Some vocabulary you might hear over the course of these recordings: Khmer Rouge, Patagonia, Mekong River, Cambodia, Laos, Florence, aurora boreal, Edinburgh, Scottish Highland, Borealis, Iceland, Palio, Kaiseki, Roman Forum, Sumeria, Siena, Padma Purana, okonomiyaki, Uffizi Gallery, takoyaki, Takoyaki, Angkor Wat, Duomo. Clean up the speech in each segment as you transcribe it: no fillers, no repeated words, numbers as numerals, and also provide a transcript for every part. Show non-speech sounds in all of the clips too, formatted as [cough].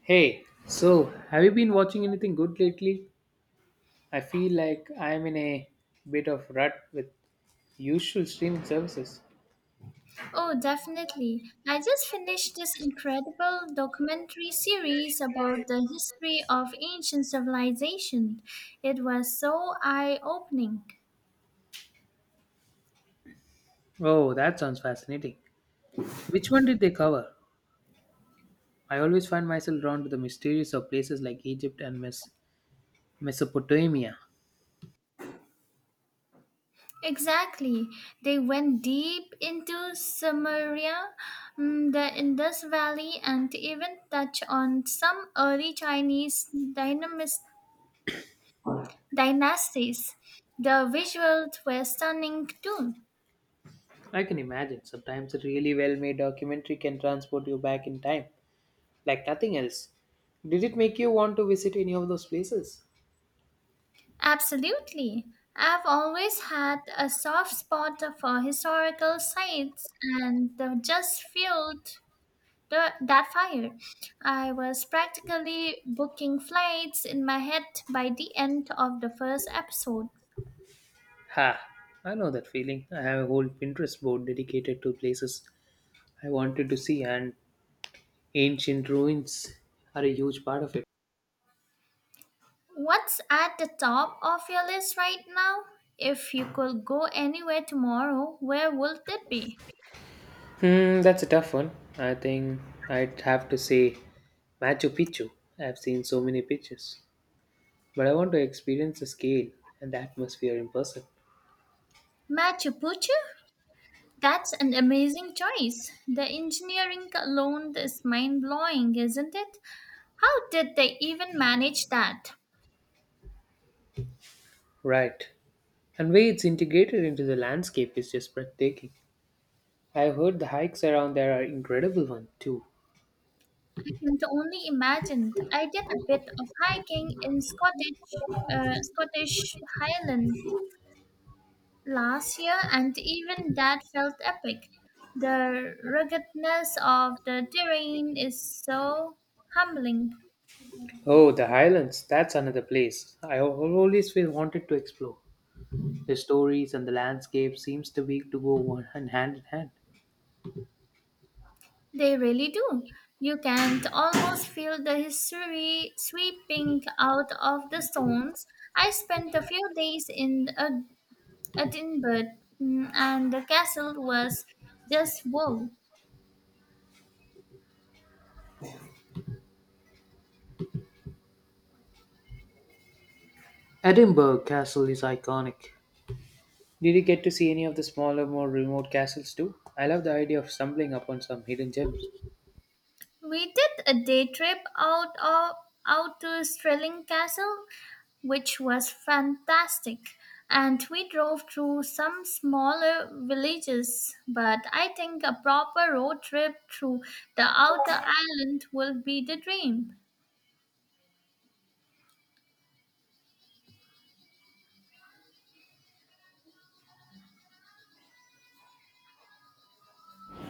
Hey, so have you been watching anything good lately? I feel like I'm in a bit of rut with usual streaming services. Oh, definitely. I just finished this incredible documentary series about the history of ancient civilization. It was so eye-opening. Oh, that sounds fascinating. Which one did they cover? I always find myself drawn to the mysteries of places like Egypt and Mesopotamia. Exactly. They went deep into Sumeria, the Indus Valley, and even touch on some early Chinese dynamis- dynasties. The visuals were stunning too. I can imagine sometimes a really well made documentary can transport you back in time, like nothing else. Did it make you want to visit any of those places? Absolutely. I've always had a soft spot for historical sites and just fueled that fire. I was practically booking flights in my head by the end of the first episode. Ha! I know that feeling. I have a whole Pinterest board dedicated to places I wanted to see, and ancient ruins are a huge part of it. What's at the top of your list right now? If you could go anywhere tomorrow, where would it be? Hmm, that's a tough one. I think I'd have to say Machu Picchu. I've seen so many pictures, but I want to experience the scale and the atmosphere in person. Machu Picchu? That's an amazing choice. The engineering alone is mind blowing, isn't it? How did they even manage that? Right. And way it's integrated into the landscape is just breathtaking. I've heard the hikes around there are incredible one too. I can only imagine. I did a bit of hiking in Scottish Highland last year, and even that felt epic. The ruggedness of the terrain is so humbling. Oh, the highlands. That's another place. I always feel wanted to explore. The stories and the landscape seems to be to go one hand hand in hand. They really do. You can almost feel the history sweeping out of the stones. I spent a few days in a Edinburgh and the castle was just wow. Edinburgh Castle is iconic. Did you get to see any of the smaller, more remote castles too? I love the idea of stumbling upon some hidden gems. We did a day trip out to Stirling Castle, which was fantastic. And we drove through some smaller villages, but I think a proper road trip through the outer island will be the dream.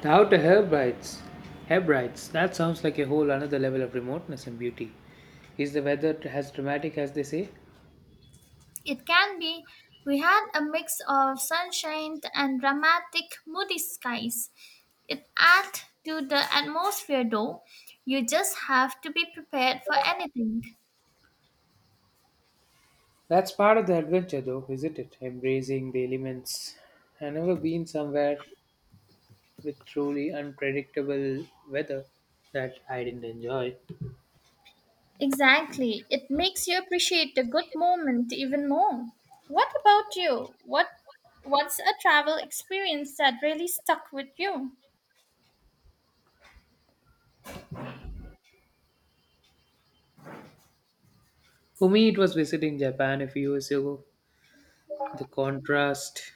The Outer Hebrides. Hebrides. That sounds like a whole another level of remoteness and beauty. Is the weather as dramatic as they say? It can be. We had a mix of sunshine and dramatic, moody skies. It adds to the atmosphere, though. You just have to be prepared for anything. That's part of the adventure, though, isn't it? Embracing the elements. I've never been somewhere with truly unpredictable weather. That I didn't enjoy. Exactly. It makes you appreciate the good moment even more. What about you? What's a travel experience that really stuck with you? For me, it was visiting Japan a few years ago. The contrast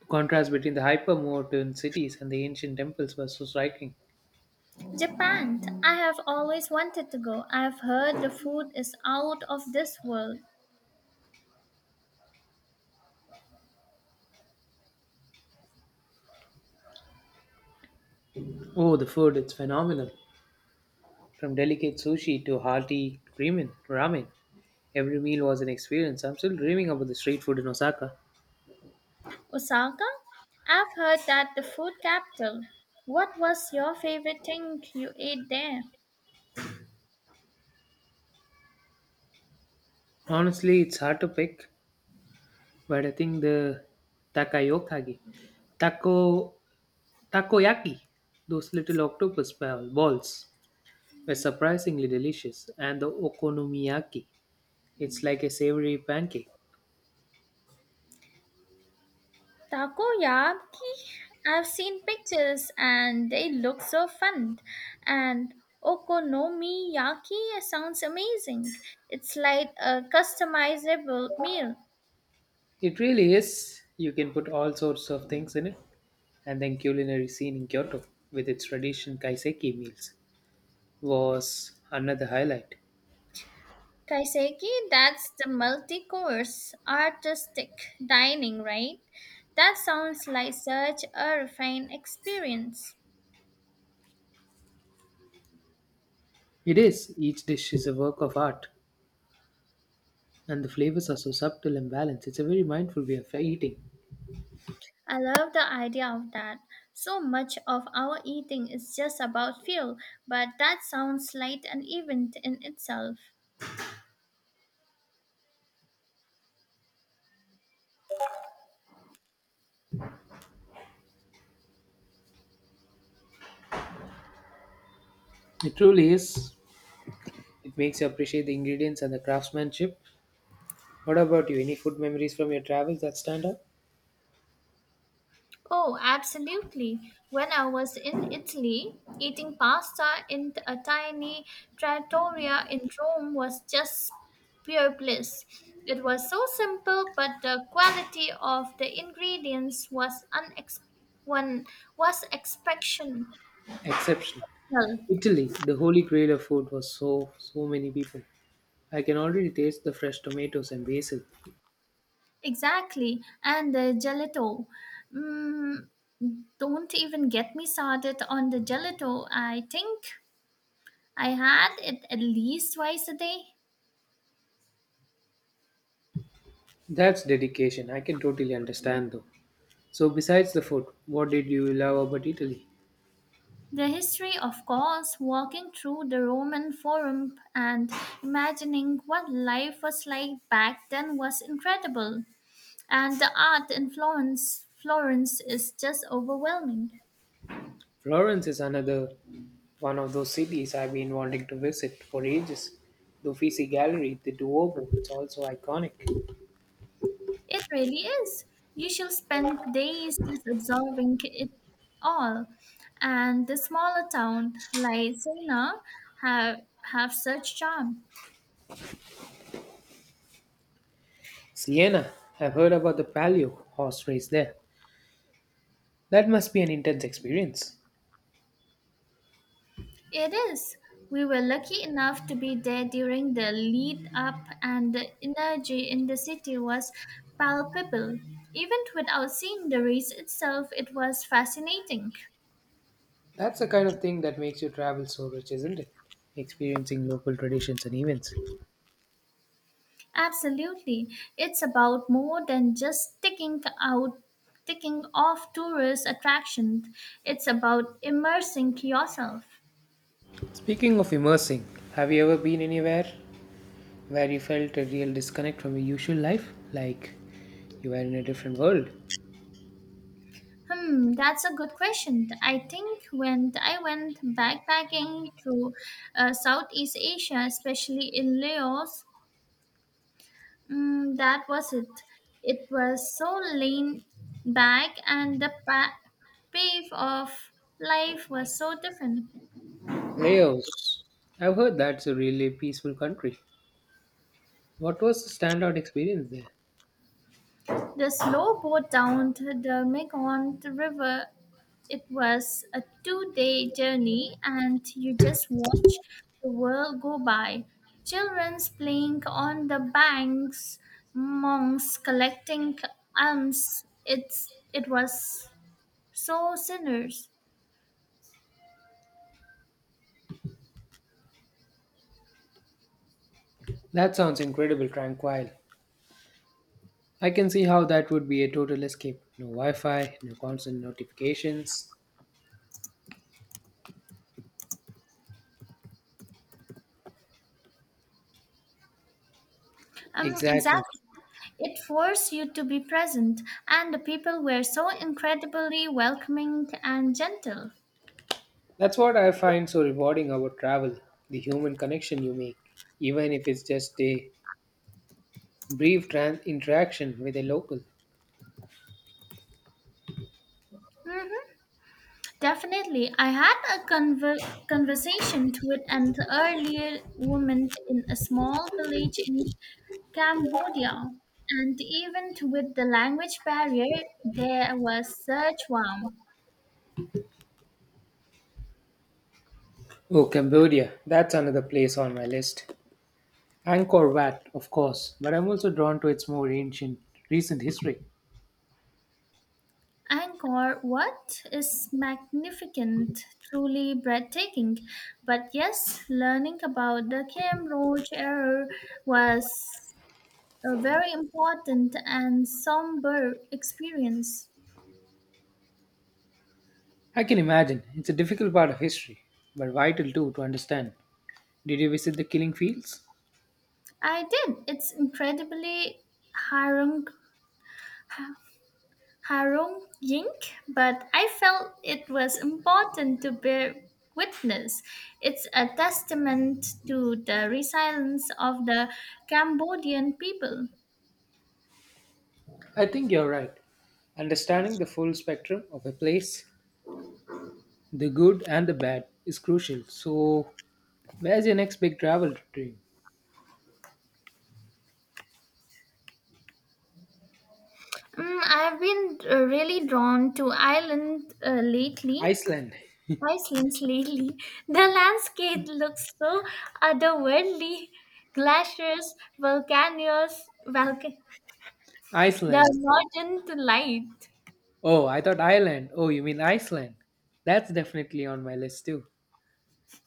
The contrast between the hypermodern cities and the ancient temples was so striking. Japan. I have always wanted to go. I've heard the food is out of this world. Oh, the food, it's phenomenal. From delicate sushi to hearty ramen, every meal was an experience. I'm still dreaming about the street food in Osaka. Osaka? I've heard that the food capital. What was your favorite thing you ate there? Honestly, it's hard to pick, but I think the takayokagi, taco, takoyaki, those little octopus balls were surprisingly delicious, and the okonomiyaki, it's like a savory pancake. Takoyaki? I've seen pictures and they look so fun. And okonomiyaki sounds amazing. It's like a customizable meal. It really is. You can put all sorts of things in it. And then culinary scene in Kyoto with its tradition kaiseki meals was another highlight. Kaiseki, that's the multi course artistic dining, right? That sounds like such a refined experience. It is. Each dish is a work of art and the flavors are so subtle and balanced. It's a very mindful way of eating. I love the idea of that. So much of our eating is just about fuel, but that sounds like an event in itself. It truly is. It makes you appreciate the ingredients and the craftsmanship. What about you? Any food memories from your travels that stand out? Oh, absolutely. When I was in Italy, eating pasta in a tiny trattoria in Rome was just pure bliss. It was so simple, but the quality of the ingredients was unex- one was exceptional. Exceptional. Italy, the holy grail of food was so so many people. I can already taste the fresh tomatoes and basil. Exactly, and the gelato. Mm, don't even get me started on the gelato. I think I had it at least twice a day. That's dedication. I can totally understand though. So besides the food, what did you love about Italy? The history, of course, walking through the Roman Forum and imagining what life was like back then was incredible. And the art in Florence is just overwhelming. Florence is another one of those cities I've been wanting to visit for ages. The Uffizi Gallery, the Duomo, it's also iconic. It really is. You shall spend days just absorbing it all. And the smaller town like Sena have have such charm. Siena, I've heard about the Palio horse race there. That must be an intense experience. It is. We were lucky enough to be there during the lead up and the energy in the city was palpable. Even without seeing the race itself, it was fascinating. That's the kind of thing that makes you travel so rich, isn't it? Experiencing local traditions and events. Absolutely. It's about more than just ticking off tourist attractions. It's about immersing yourself. Speaking of immersing, have you ever been anywhere where you felt a real disconnect from your usual life, like you were in a different world. Hmm, that's a good question. I think when I went backpacking through Southeast Asia, especially in Laos, that was it. It was so lean back and the pace of life was so different. Laos. I've heard that's a really peaceful country. What was the standout experience there? The slow boat down to the Mekong River, it was a two-day journey and you just watch the world go by. Children's playing on the banks, monks collecting alms. It was so sinners. That sounds incredible, tranquil. I can see how that would be a total escape. No Wi Fi, no constant notifications. Exactly. Exactly. It forced you to be present, and the people were so incredibly welcoming and gentle. That's what I find so rewarding about travel the human connection you make, even if it's just a interaction with a local. Mhm. Definitely. I had a conversation with an earlier woman in a small village in Cambodia, and even with the language barrier, there was such warmth. Oh, Cambodia. That's another place on my list. Angkor Wat, of course, but I'm also drawn to its more ancient, recent history. Angkor Wat is magnificent, truly breathtaking. But yes, learning about the Khmer Rouge era was a very important and somber experience. I can imagine it's a difficult part of history, but vital too to understand. Did you visit the killing fields? I did. It's incredibly harrowing, ha- harrowing, but I felt it was important to bear witness. It's a testament to the resilience of the Cambodian people. I think you're right. Understanding the full spectrum of a place, the good and the bad, is crucial. So, where's your next big travel dream? I've been really drawn to Ireland lately. Iceland. Iceland lately. [laughs] The landscape looks so otherworldly. Glaciers, volcanoes. They are Iceland. not in the light. Oh, I thought Ireland. Oh, you mean Iceland? That's definitely on my list too.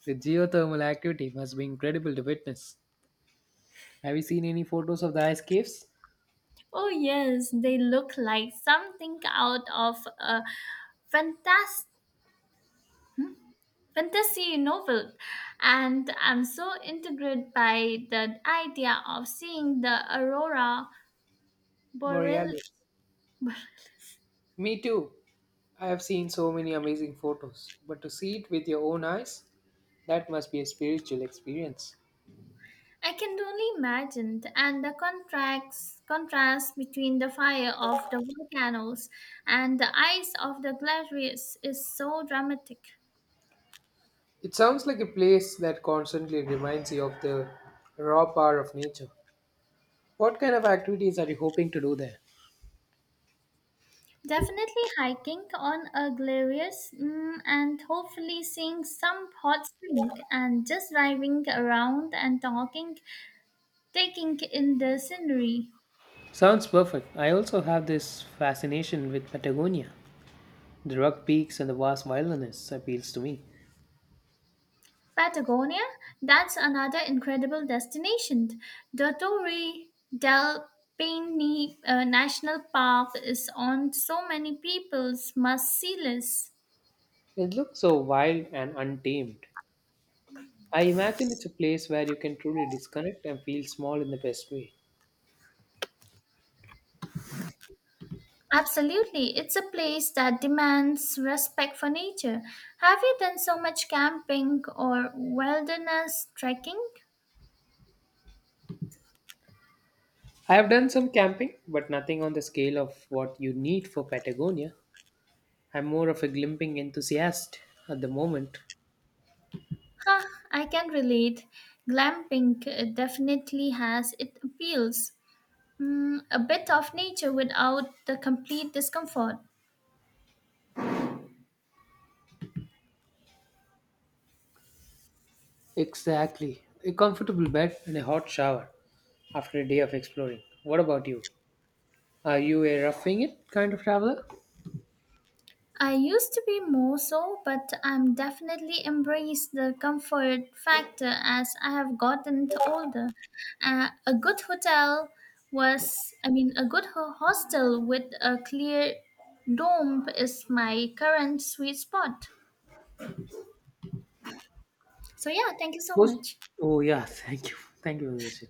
The geothermal activity must be incredible to witness. Have you seen any photos of the ice caves? Oh, yes, they look like something out of a fantas- fantasy novel. And I'm so intrigued by the idea of seeing the aurora boreal. Borealis. [laughs] Me too. I have seen so many amazing photos, but to see it with your own eyes, that must be a spiritual experience. I can only imagine, and contrast between the fire of the volcanoes and the ice of the glaciers is so dramatic. It sounds like a place that constantly reminds you of the raw power of nature. What kind of activities are you hoping to do there? Definitely hiking on a glorious and hopefully seeing some hot spring and just driving around and taking in the scenery. Sounds perfect. I also have this fascination with Patagonia. The rock peaks and the vast wilderness appeals to me. Patagonia, that's another incredible destination. The Torre del Paine National Park is on so many people's must-see list. It looks so wild and untamed. I imagine it's a place where you can truly disconnect and feel small in the best way. Absolutely, it's a place that demands respect for nature. Have you done so much camping or wilderness trekking? I have done some camping, but nothing on the scale of what you need for Patagonia. I'm more of a glimping enthusiast at the moment. Huh, I can relate. Glamping definitely has its appeals. Mm, a bit of nature without the complete discomfort. Exactly. A comfortable bed and a hot shower after a day of exploring. What about you? Are you a roughing it kind of traveler? I used to be more so, but I'm definitely embraced the comfort factor as I have gotten older. A good hotel was, I mean, a good hostel with a clear dome is my current sweet spot. So yeah, thank you so Most- much. Oh, yeah, [laughs] thank you. Thank you for this.